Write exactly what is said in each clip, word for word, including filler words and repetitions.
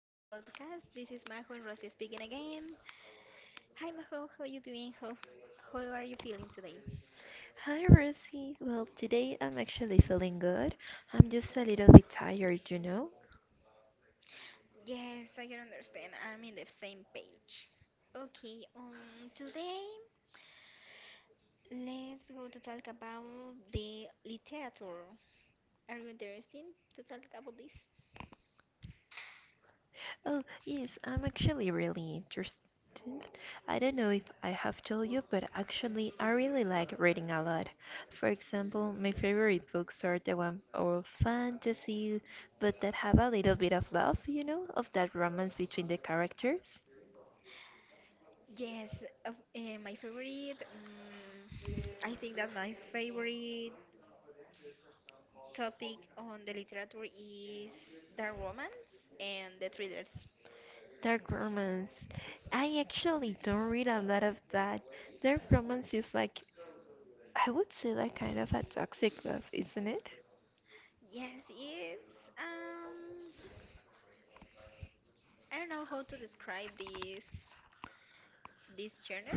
to our podcast. This is Majo and Rosie speaking again. Hi Majo, how you doing? How how are you feeling today? Hi, Rosie. Well, today I'm actually feeling good. I'm just a little bit tired, you know? Yes, I can understand. I'm in the same page. Okay, um today let's go to talk about the literature. Are you interested to talk about this? Oh, yes, I'm actually really interested. I don't know if I have told you, but actually, I really like reading a lot. For example, my favorite books are the one of fantasy, but that have a little bit of love, you know, of that romance between the characters. Yes, of, eh, my favorite. Um, I think that my favorite topic on the literature is the romance and the thrillers. Dark romance. I actually don't read a lot of that. Dark romance is like I would say like kind of a toxic love, isn't it? Yes, it's um I don't know how to describe this this genre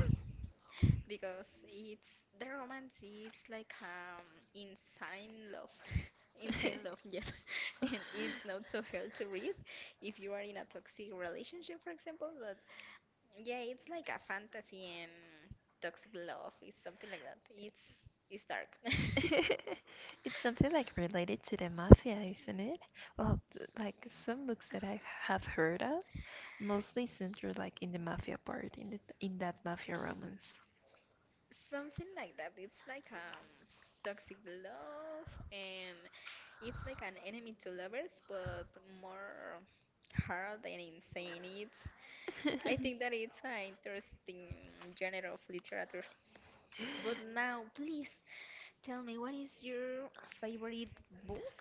because it's the romance it's like um insane love. Insane love, yes. And it's not so hard to read if you are in a toxic relationship, for example, but yeah, it's like a fantasy and toxic love. It's something like that. It's it's dark. It's something like related to the mafia, isn't it? Well, t- like some books that I have heard of mostly centered like in the mafia part, in the, in that mafia romance. Something like that. It's like um toxic love, and it's like an enemy to lovers but more hard and insane. It's I think that it's an interesting genre of literature. But now please tell me, what is your favorite book?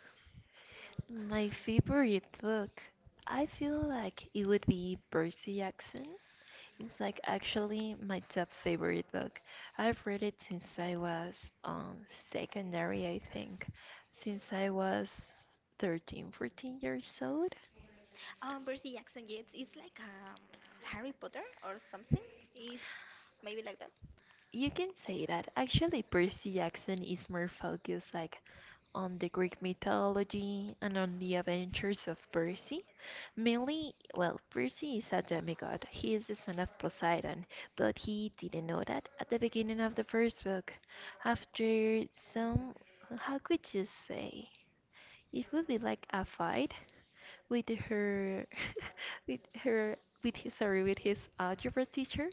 My favorite book, I feel like it would be Percy Jackson. It's like actually my top favorite book. I've read it since I was um, secondary, I think, since I was thirteen, fourteen years old. Oh, Percy Jackson Yates. It's like um Harry Potter or something. It's maybe like that. You can say that. Actually, Percy Jackson is more focused like on the Greek mythology and on the adventures of Perse. Mainly, well, Perse is a demigod. He is the son of Poseidon, but he didn't know that at the beginning of the first book. After some, how could you say? It would be like a fight with her, with her, with his, sorry, with his algebra teacher.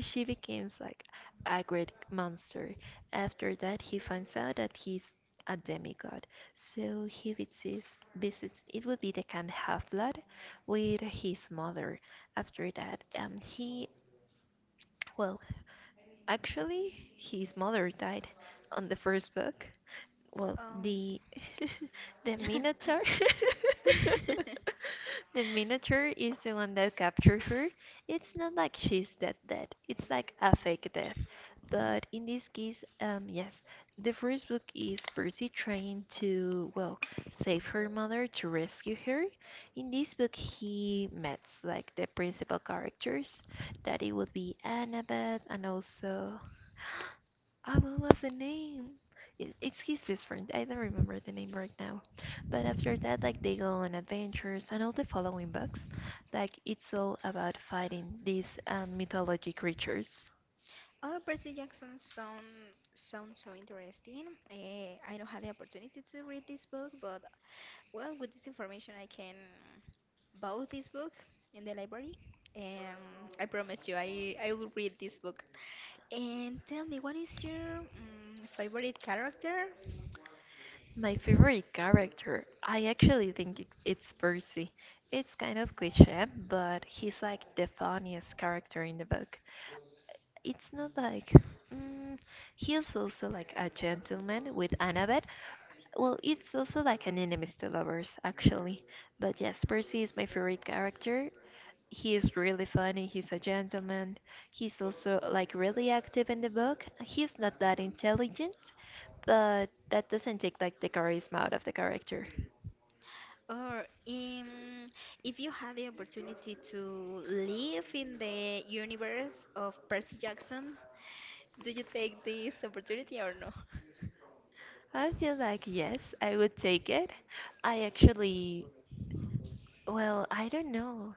She becomes like a great monster. After that, he finds out that he's a demigod. So he visits, visits it would be the camp Half-Blood with his mother. After that, um, he, well, actually, his mother died on the first book. Well, Um the the Minotaur. The Minotaur is the one that captured her. It's not like she's dead dead. It's like a fake death. But in this case, um, yes, the first book is Percy trying to, well, save her mother to rescue her. In this book, he meets like the principal characters, that it would be Annabeth and also, oh, what was the name? It, it's his best friend. I don't remember the name right now. But after that, like they go on adventures and all the following books, like it's all about fighting these um, mythology creatures. Oh, Percy Jackson sound sounds so interesting. Eh, I don't have the opportunity to read this book, but well, with this information, I can borrow this book in the library, and I promise you, I I will read this book. And tell me, what is your mm, favorite character? My favorite character, I actually think it- it's Percy. It's kind of cliche, but he's like the funniest character in the book. It's not like. Mm, he also like a gentleman with Annabeth. Well, it's also like an enemies to lovers, actually. But yes, Percy is my favorite character. He is really funny. He's a gentleman. He's also like really active in the book. He's not that intelligent, but that doesn't take like the charisma out of the character. Or um, If you had the opportunity to live in the universe of Percy Jackson, do you take this opportunity or no? I feel like yes, I would take it. I actually, well, I don't know.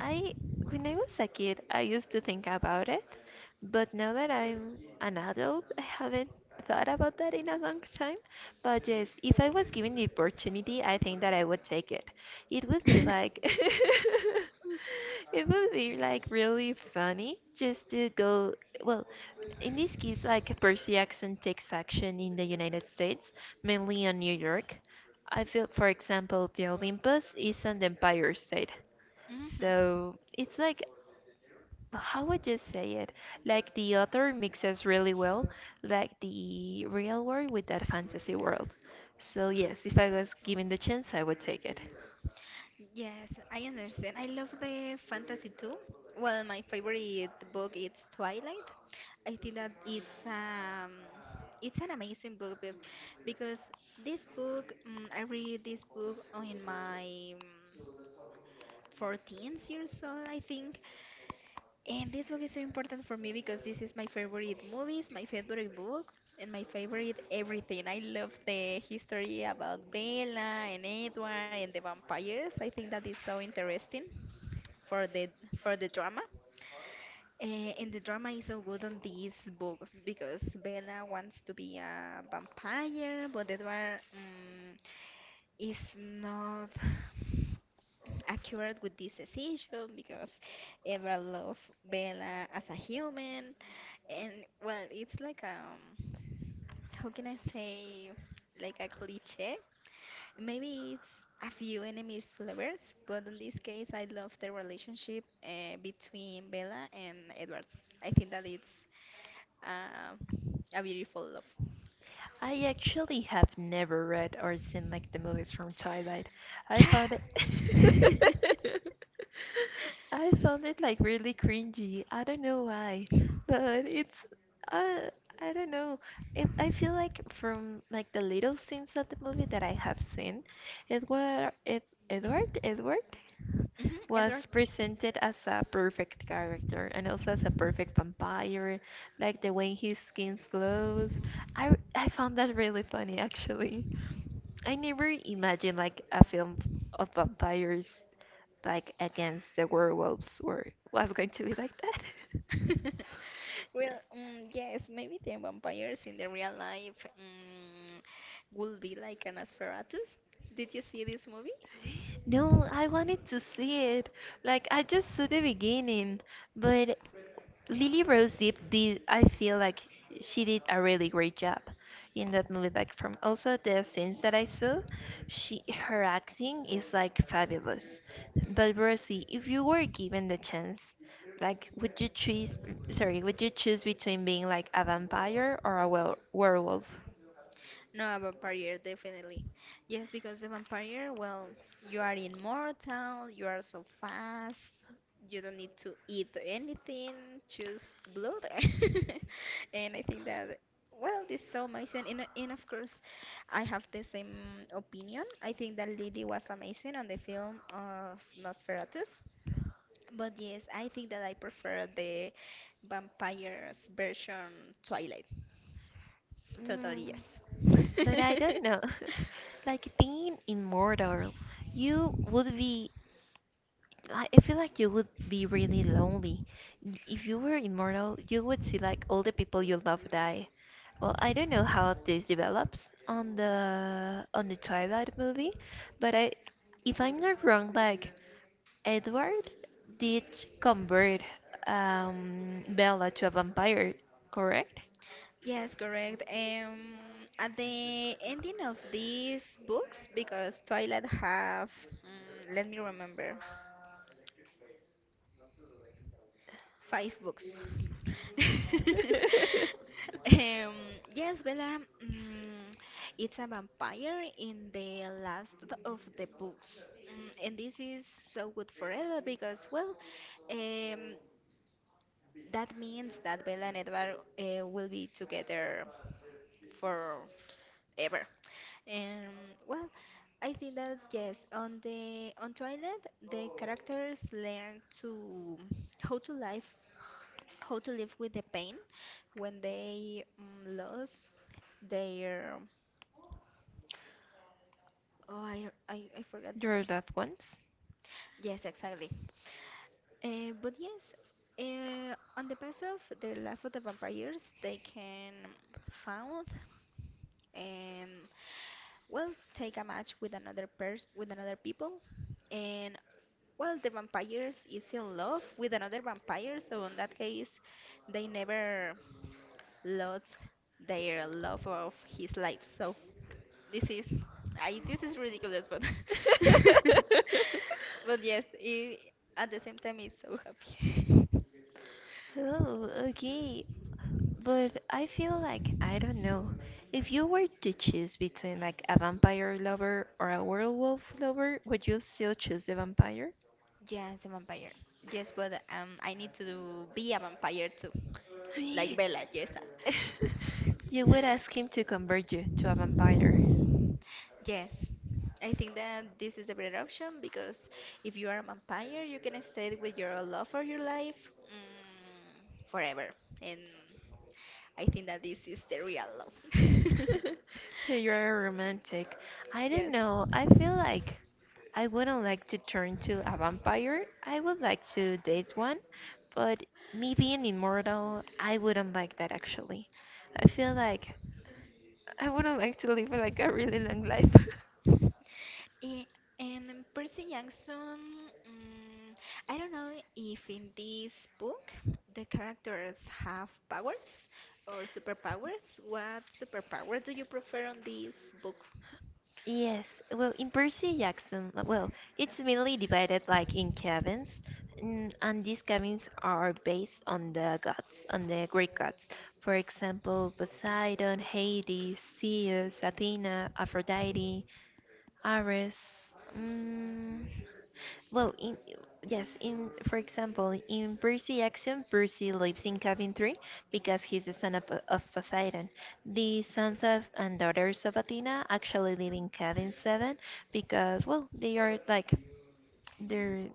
I When I was a kid, I used to think about it, but now that I'm an adult, I haven't thought about that in a long time. But yes, if I was given the opportunity, I think that I would take it. It would be like it would be like really funny just to go, well, in this case, like Percy Jackson takes action in the United States, mainly in New York. I feel, for example, the Olympus is an Empire State. Mhm. So it's like how would you say it? Like the author mixes really well, like the real world with that fantasy world. So yes, if I was given the chance, I would take it. Yes, I understand. I love the fantasy too. Well, my favorite book is Twilight. I think that it's um it's an amazing book be- because this book mm I read this book on my um, fourteenth years old, I think. And this book is so important for me because this is my favorite movies, my favorite book, and my favorite everything. I love the history about Bella and Edward and the vampires. I think that is so interesting for the for the drama. Eh, and the drama is so good on this book because Bella wants to be a vampire, but Edward mm, is not accurate with this decision because Edward loves Bella as a human, and well, it's like um, how can I say, like a cliche? Maybe it's a few enemies to lovers, but in this case, I love the relationship uh, between Bella and Edward. I think that it's uh, a beautiful love. I actually have never read or seen like the movies from Twilight. I found it I found it like really cringy. I don't know why, but it's uh, I don't know. It, I feel like from like the little scenes of the movie that I have seen, Edward, Ed, Edward, Edward, Mhm, was Edward. presented as a perfect character and also as a perfect vampire, like the way his skin glows. I I found that really funny actually. I never imagined like a film of vampires like against the werewolves or was going to be like that. Well, um, yes, maybe the vampires in the real life um, would be like an Nosferatu. Did you see this movie? No, I wanted to see it. Like I just saw the beginning, but Lily Rose Depp did, I feel like she did a really great job in that movie. Like from also the scenes that I saw, she her acting is like fabulous. But Rosie, if you were given the chance, like would you choose? Sorry, would you choose between being like a vampire or a wel- werewolf? No, a vampire, definitely. Yes, because the vampire, well, you are immortal, you are so fast, you don't need to eat anything, just blood. And I think that, well, this is so amazing. And, and of course, I have the same opinion. I think that Lily was amazing on the film of Nosferatus. But yes, I think that I prefer the vampire's version Twilight. Totally, Mm, yes. but I don't know. Like being immortal, you would be I I feel like you would be really lonely. Y- If you were immortal, you would see like all the people you love die. Well, I don't know how this develops on the on the Twilight movie, but I, if I'm not wrong, like Edward did convert um, Bella to a vampire, correct? Yes, correct. Um, at the ending of these books, because Twilight have, mm, let me remember, five books. Um, yes, Bella, mm, it's a vampire in the last of the books. Mm, and this is so good forever because, well, um, that means that Bella and Edward uh, will be together forever. And well, I think that yes, on the on Twilight, the characters learn to how to live how to live with the pain when they um, lost their oh I, I I forgot. Your loved ones. Yes, exactly. Uh, but yes, uh, on the path of their life of the vampires, they can found and well take a match with another person, with another people, and well, the vampires is in love with another vampire, so in that case, they never lost their love of his life. So this is, I this is ridiculous, but but yes, it, at the same time, it's so happy. Oh, okay. But I feel like, I don't know, if you were to choose between like a vampire lover or a werewolf lover, would you still choose the vampire? Yes, the vampire. Yes, but um, I need to do, be a vampire too, like Bella. Yes. You would ask him to convert you to a vampire. Yes, I think that this is a better option because if you are a vampire, you can stay with your love for your life mm, forever. And I think that this is the real love. So you're a romantic. I don't Yes. know. I feel like I wouldn't like to turn to a vampire. I would like to date one, but me being immortal, I wouldn't like that actually. I feel like I would not like to live like a really long life. Eh, and Percy Jackson, mm, I don't know if in this book the characters have powers or superpowers. What superpower do you prefer on this book? Yes, well, in Percy Jackson, uh, well, it's mainly divided like in cabins, mm, and these cabins are based on the gods, on the Greek gods. For example, Poseidon, Hades, Zeus, Athena, Aphrodite, Ares. Mm, Well, in yes, in For example, in Percy Action, Percy lives in cabin three because he's the son of, of Poseidon. The sons of and daughters of Athena actually live in cabin seven because well, they are like their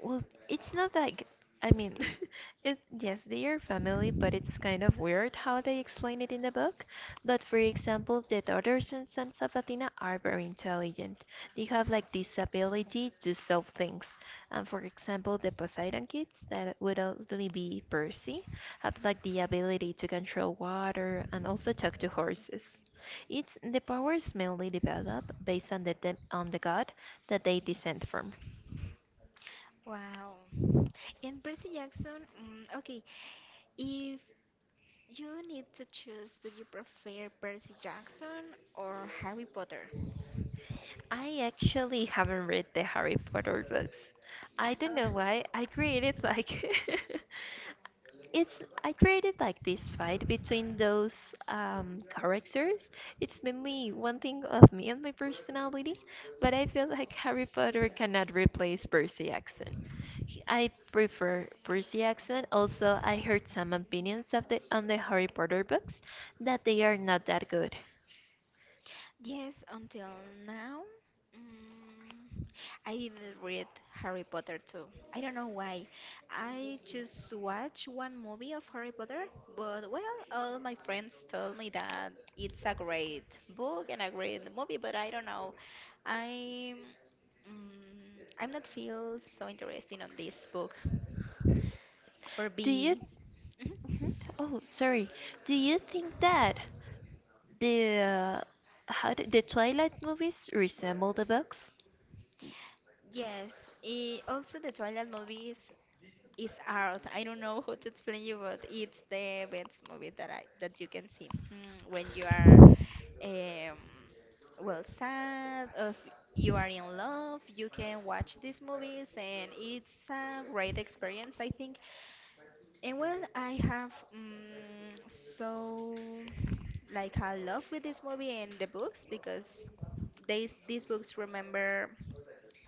well, it's not like, I mean, it's yes, they are family, but it's kind of weird how they explain it in the book. But for example, the daughters and sons of Athena are very intelligent. They have like this ability to solve things. And for example, the Poseidon kids, that would only be Percy, have like the ability to control water and also talk to horses. It's the powers mainly develop based on the dem on the god that they descend from. Wow. And Percy Jackson, mm, okay, if you need to choose, do you prefer Percy Jackson or Harry Potter? I actually haven't read the Harry Potter books. I don't Uh, know why. I created like it's I created like this fight between those um, characters. It's mainly one thing of me and my personality, but I feel like Harry Potter cannot replace Percy Jackson. He- I prefer Percy Jackson. Also, I heard some opinions of the on the Harry Potter books that they are not that good. Yes, until now, mm, I didn't read Harry Potter too. I don't know why. I just watched one movie of Harry Potter, but well, all my friends told me that it's a great book and a great movie, but I don't know. I'm mm, I'm not feel so interested on this book for Do you B. Mhm. Mhm. Oh, sorry. Do you think that the uh, how did the Twilight movies resemble the books? Yes, eh, also the Twilight movies it's art. I don't know how to explain you, but it's the best movie that I that you can see. Hmm, when you are um, well, sad, or if you are in love, you can watch these movies, and it's a great experience, I think. And well, I have um, so like a love with this movie and the books because they these books remember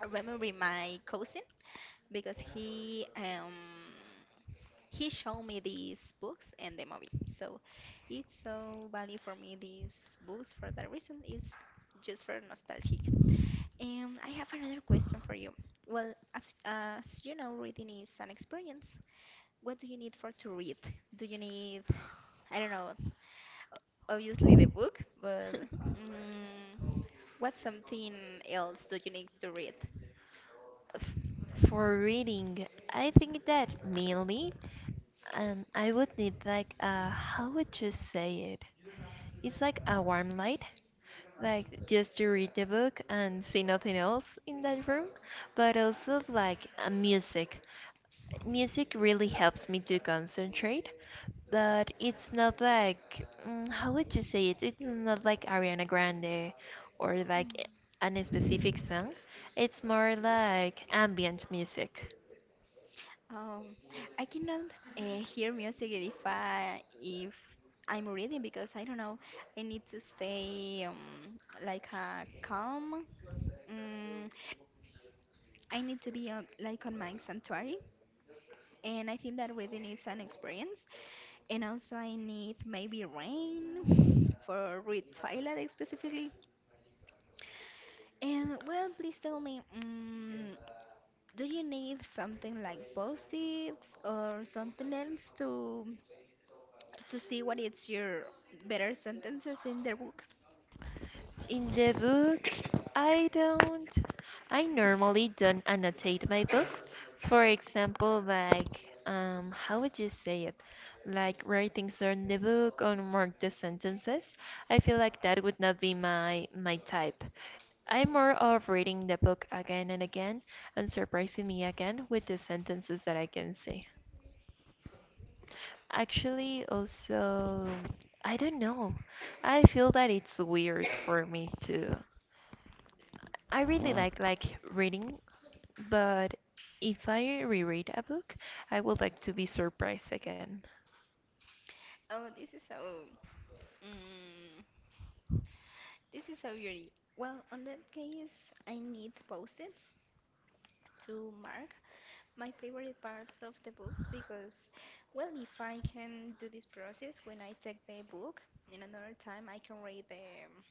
remember my cousin because he um he showed me these books and the movie. So it's so value for me these books for that reason. It's just for nostalgic. And I have another question for you. Well, af- as you know, reading is an experience. What do you need for to read? Do you need, I don't know, o- obviously the book, but mm, what's something else do you need to read? F- For reading, I think that mainly, and I would need like uh, how would you say it? It's like a warm light, like just to read the book and see nothing else in that room, but also like uh, music. Music really helps me to concentrate, but it's not like, mm, how would you say it? It's not like Ariana Grande or Mm. like an specific song. It's more like ambient music. Um, I cannot uh, hear music if I if I'm reading because I don't know. I need to stay um, like uh, calm. Mm, I need to be uh, like on my sanctuary, and I think that reading is an experience. And also, I need maybe rain for read Twilight specifically. And well, please tell me, um, do you need something like post-its or something else to? to see what is your better sentences in their book? In the book, I don't. I normally don't annotate my books. For example, like, um, how would you say it? Like, write things on the book or mark the sentences. I feel like that would not be my my type. I'm more of reading the book again and again and surprising me again with the sentences that I can see. Actually, also, I don't know. I feel that it's weird for me to I really like like reading, but if I reread a book, I would like to be surprised again. Oh, this is so. Mm, this is so beauty. Well, on that case, I need post-its to mark my favorite parts of the books because, well, if I can do this process when I take the book, in another time I can read the um,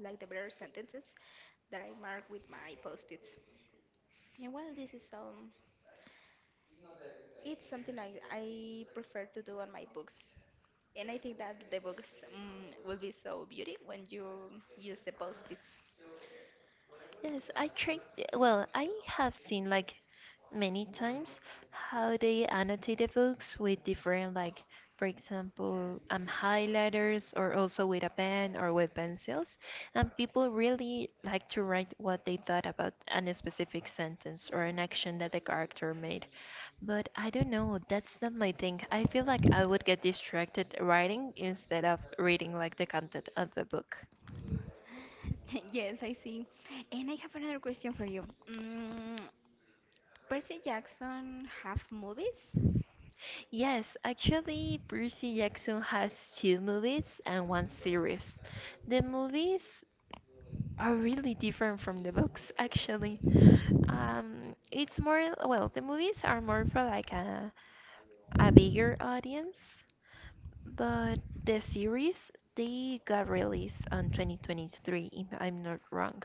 like the better sentences that I mark with my post-its. And well, this is um, it's something like I prefer to do on my books. And I think that the books um, will be so beauty when you use the post-its. Yes, I tried. Well, I have seen like many times how they annotate the books with different, like, for example, um, highlighters or also with a pen or with pencils. And people really like to write what they thought about an specific sentence or an action that the character made. But I don't know, that's not my thing. I feel like I would get distracted writing instead of reading like the content of the book. Yes, I see. And I have another question for you. Mm, Percy Jackson have movies? Yes, actually, Percy Jackson has two movies and one series. The movies are really different from the books, actually. Um, it's more, well, the movies are more for like a, a bigger audience, but the series, they got released on twenty twenty-three, if I'm not wrong.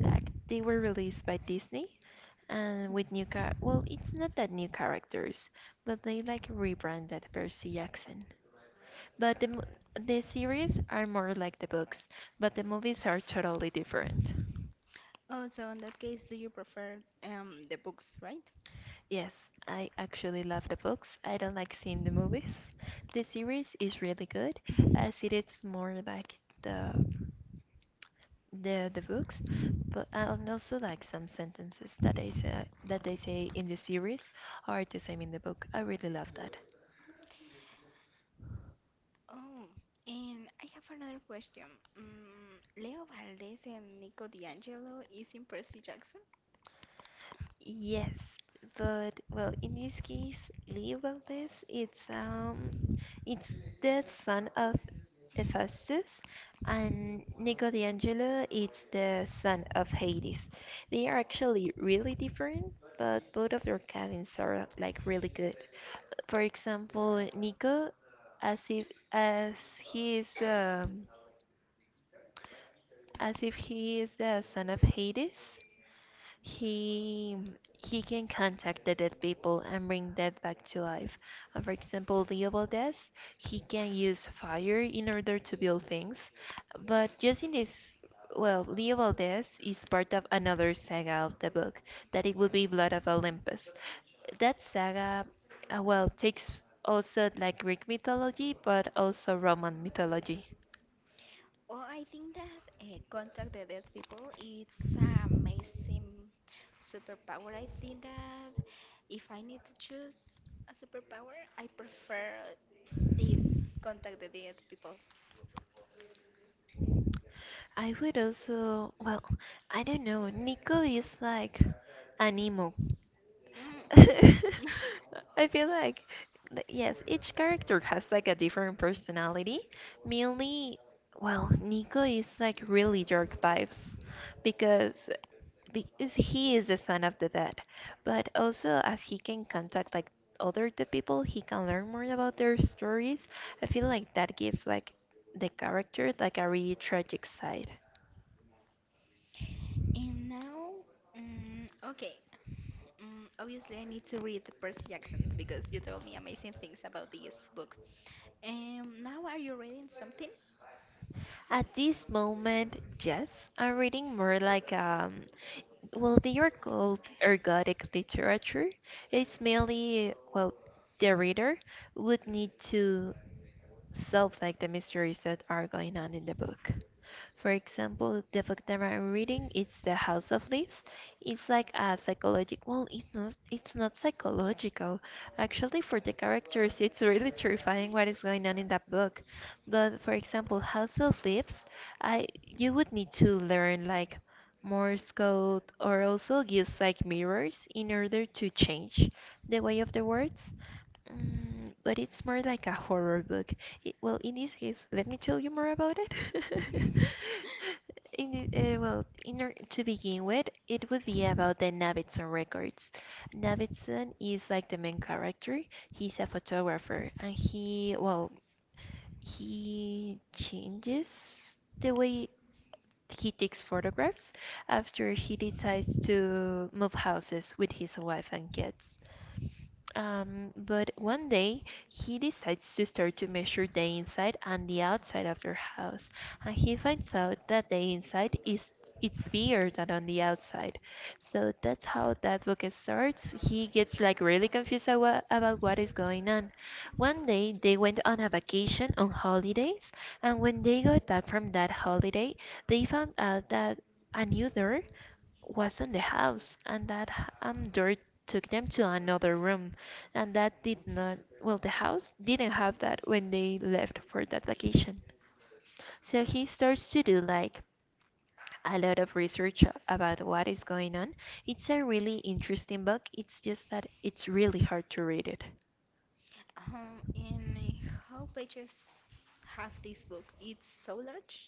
Like, they were released by Disney and Mm. with new car, well, it's not that new characters, but they like rebranded Percy Jackson. But the, mo- the series are more like the books, but the movies are totally different. Oh, so in that case, do you prefer um, the books, right? Yes, I actually love the books. I don't like seeing the movies. The series is really good, as it is more like the the the books, but and also like some sentences that I say that they say in the series are the same in the book. I really love that. Oh, and I have another question. Mm, Leo Valdez and Nico D'Angelo is in Percy Jackson? Yes, but well, in this case, Lee Valdez, it's um, it's the son of Hephaestus, and Nico D'Angelo is the son of Hades. They are actually really different, but both of their cabins are like really good. For example, Nico, as if as he is um, as if he is the son of Hades, he he can contact the dead people and bring dead back to life. And for example, Leobaldes, he can use fire in order to build things. But just in this, well, Leobaldes is part of another saga of the book that it would be Blood of Olympus. That saga, uh, well, takes also like Greek mythology, but also Roman mythology. Oh, I think that uh, contact the dead people it's an amazing superpower. I think that if I need to choose a superpower, I prefer this contact the dead people. I would also, well, I don't know. Nico is like an emo. Mm. I feel like th- yes, each character has like a different personality. Mainly, well, Nico is like really dark vibes because because he is the son of the dead. But also, as he can contact like other the people, he can learn more about their stories. I feel like that gives like the character like a really tragic side. And now, mm okay, mm, obviously I need to read Percy Jackson because you told me amazing things about this book. Um, now are you reading something? At this moment, yes, I'm reading more like um Well, they are called ergodic literature. It's mainly, well, the reader would need to solve like the mysteries that are going on in the book. For example, the book that I'm reading it's The House of Leaves. It's like a psychological. Well, it's not. It's not psychological. Actually, for the characters, it's really terrifying what is going on in that book. But for example, House of Leaves, I you would need to learn like Morse code or also use like mirrors in order to change the way of the words. Mm, but it's more like a horror book. I well, in this case, let me tell you more about it. In, uh, well, in or to begin with, it would be about the Navidson records. Navidson is like the main character. He's a photographer, and he, well, he changes the way he takes photographs after he decides to move houses with his wife and kids. Um, but one day he decides to start to measure the inside and the outside of their house, and he finds out that the inside is it's bigger than on the outside. So that's how that book starts. He gets like really confused awa- about what is going on, one day they went on a vacation on holidays, and when they got back from that holiday they found out that a new door was on the house, and that h- um, door took them to another room, and that did not, well, the house didn't have that when they left for that vacation. So he starts to do like a lot of research about what is going on. It's a really interesting book, it's just that it's really hard to read it. Um, and how pages have this book? It's so large.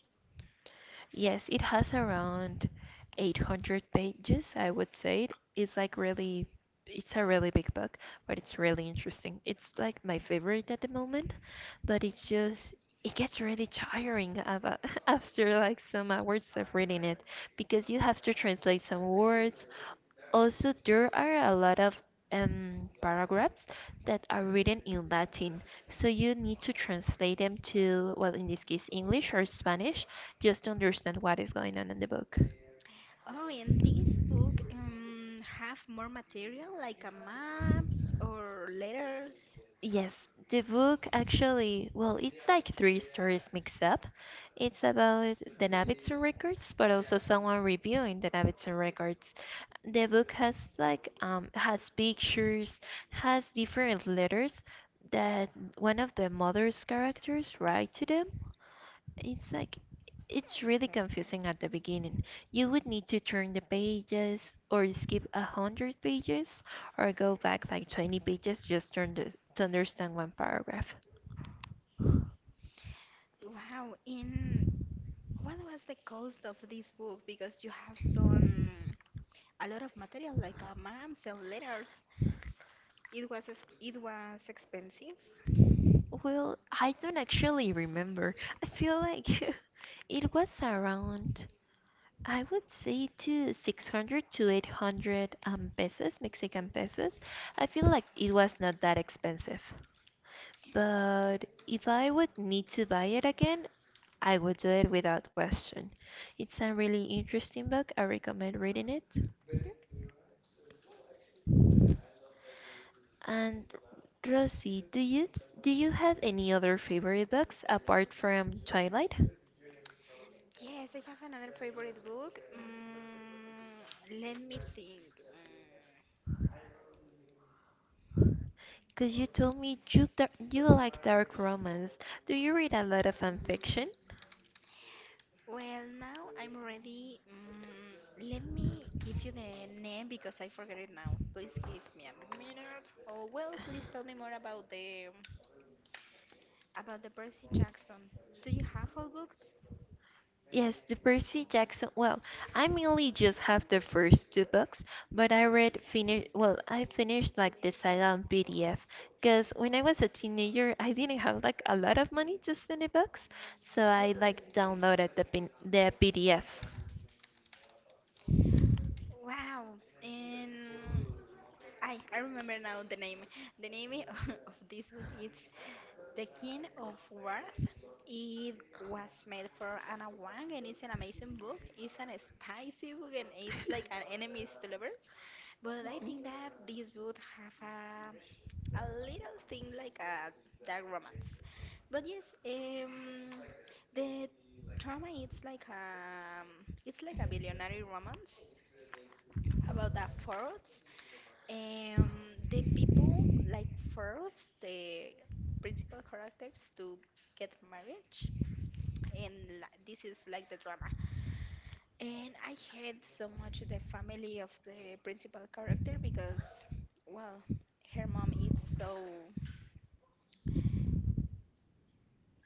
Yes, it has around eight hundred pages, I would say. It's like really, it's a really big book, but it's really interesting. It's like my favorite at the moment, but it's just it gets really tiring of, uh, after like some hours of reading it because you have to translate some words. Also, there are a lot of um, paragraphs that are written in Latin, so you need to translate them to, well, in this case, English or Spanish, just to understand what is going on in the book. Oh, and this book um have more material like a maps or letters. Yes, the book actually, well, it's like three stories mixed up. It's about the Navidson records, but also someone reviewing the Navidson records. The book has like um has pictures, has different letters that one of the mother's characters write to them, it's like it's really confusing at the beginning. You would need to turn the pages or skip a hundred pages or go back like twenty pages just to, under to understand one paragraph. Wow, in what was the cost of this book? Because you have some a lot of material like a maps and letters. It was ex- it was expensive. Well, I don't actually remember. I feel like it was around I would say to six hundred to eight hundred um, pesos, Mexican pesos. I feel like it was not that expensive. But if I would need to buy it again, I would do it without question. It's a really interesting book. I recommend reading it. Mhm. And Rosie, do you do you have any other favorite books apart from Twilight? Yes, I have another favorite book. Mm, let me think. Mm, Cause you told me you dar- you like dark romance. Do you read a lot of fan fiction? Well, now I'm ready. Mm, let me give you the name because I forget it now. Please give me a minute. Oh, well, please tell me more about the about the Percy Jackson. Do you have all books? Yes, the Percy Jackson. Well, I mainly just have the first two books, but I read finish. Well, I finished like the saga on P D F. Cause when I was a teenager, I didn't have like a lot of money to spend in books, so I like downloaded the pin- the P D F. Wow. And I I remember now the name. The name of this book is The King of Wrath. It was made for Anna Wang and it's an amazing book. It's an spicy book and it's like an enemies to lovers. But I think that this would have a, a little thing like a dark romance. But yes, um, the drama it's like a it's like a billionaire romance about a fraud, um, the people like force the principal characters to get marriage, and li- this is like the drama. And I hate so much the family of the principal character because, well, her mom is so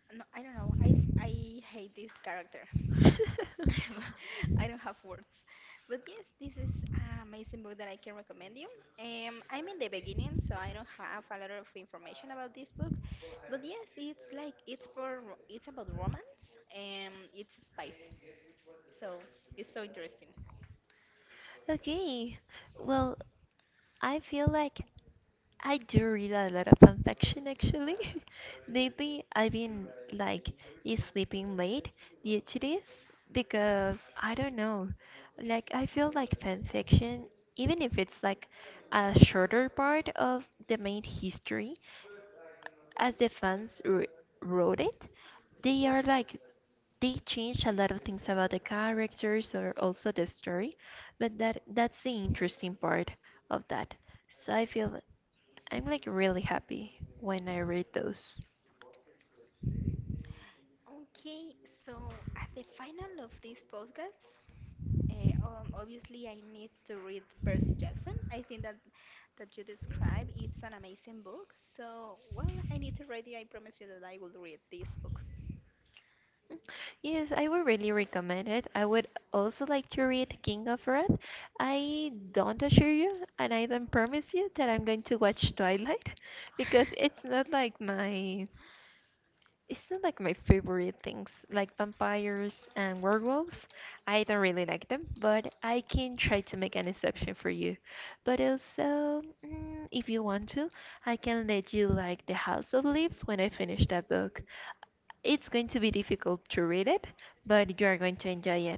no, I don't know. I th- I hate this character. I don't have words. But yes, this is an amazing book that I can recommend you. Um, I'm in the beginning, so I don't have a lot of information about this book. But yes, it's like it's for ro- it's about romance and it's spicy. So it's so interesting. Okay. Well, I feel like I do read a lot of fanfiction actually. Lately, I've been like is sleeping late due to this because I don't know. Like, I feel like fanfiction, even if it's like a shorter part of the main history, as the fans wr- wrote it, they are like they changed a lot of things about the characters or also the story, but that that's the interesting part of that. So I feel I'm like really happy when I read those. Okay, so as the final of this podcast, uh, um, obviously I need to read Percy Jackson. I think that that you describe. It's an amazing book. So, well, I need to read it. I promise you that I will read this book. Mm, yes, I would really recommend it. I would also like to read King of Wrath. I don't assure you, and I don't promise you that I'm going to watch Twilight because it's not like my it's not like my favorite things, like vampires and werewolves. I don't really like them, but I can try to make an exception for you. But also, mm, if you want to, I can let you like The House of Leaves when I finish that book. It's going to be difficult to read it, but you are going to enjoy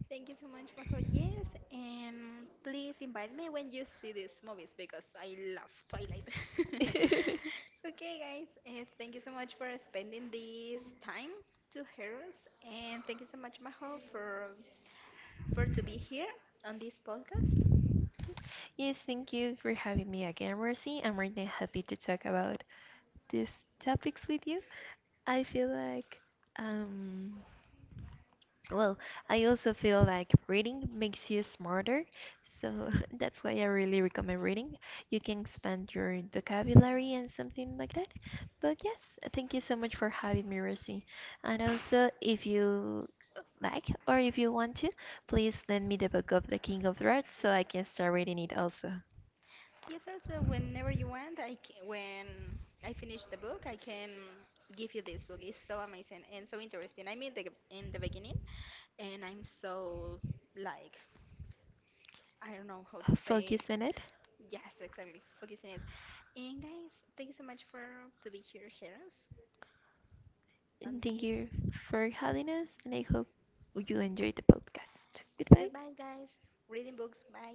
Thank you so much, Majo. Yes, and please invite me when you see these movies because I love Twilight. it. Okay, guys, uh, thank you so much for spending this time to hear us, and thank you so much, Majo, for for to be here on this podcast. Yes, thank you for having me again, Rosie. I'm really happy to talk about these topics with you. I feel like um Well, I also feel like reading makes you smarter, so that's why I really recommend reading. You can expand your vocabulary and something like that. But yes, thank you so much for having me, Rosie. And also, if you like or if you want to, please lend me the book of The King of Rats so I can start reading it also. Yes, also, whenever you want, I can, when I finish the book, I can give you this book. It's so amazing and so interesting. I mean, the, in the beginning, and I'm so like I don't know how to say. Focus on it. Yes, exactly. Focusing it. And guys, thank you so much for to be here, heroes, on And thank this. you for having us, and I hope you enjoyed the podcast. Goodbye. Goodbye, guys. Reading books. Bye.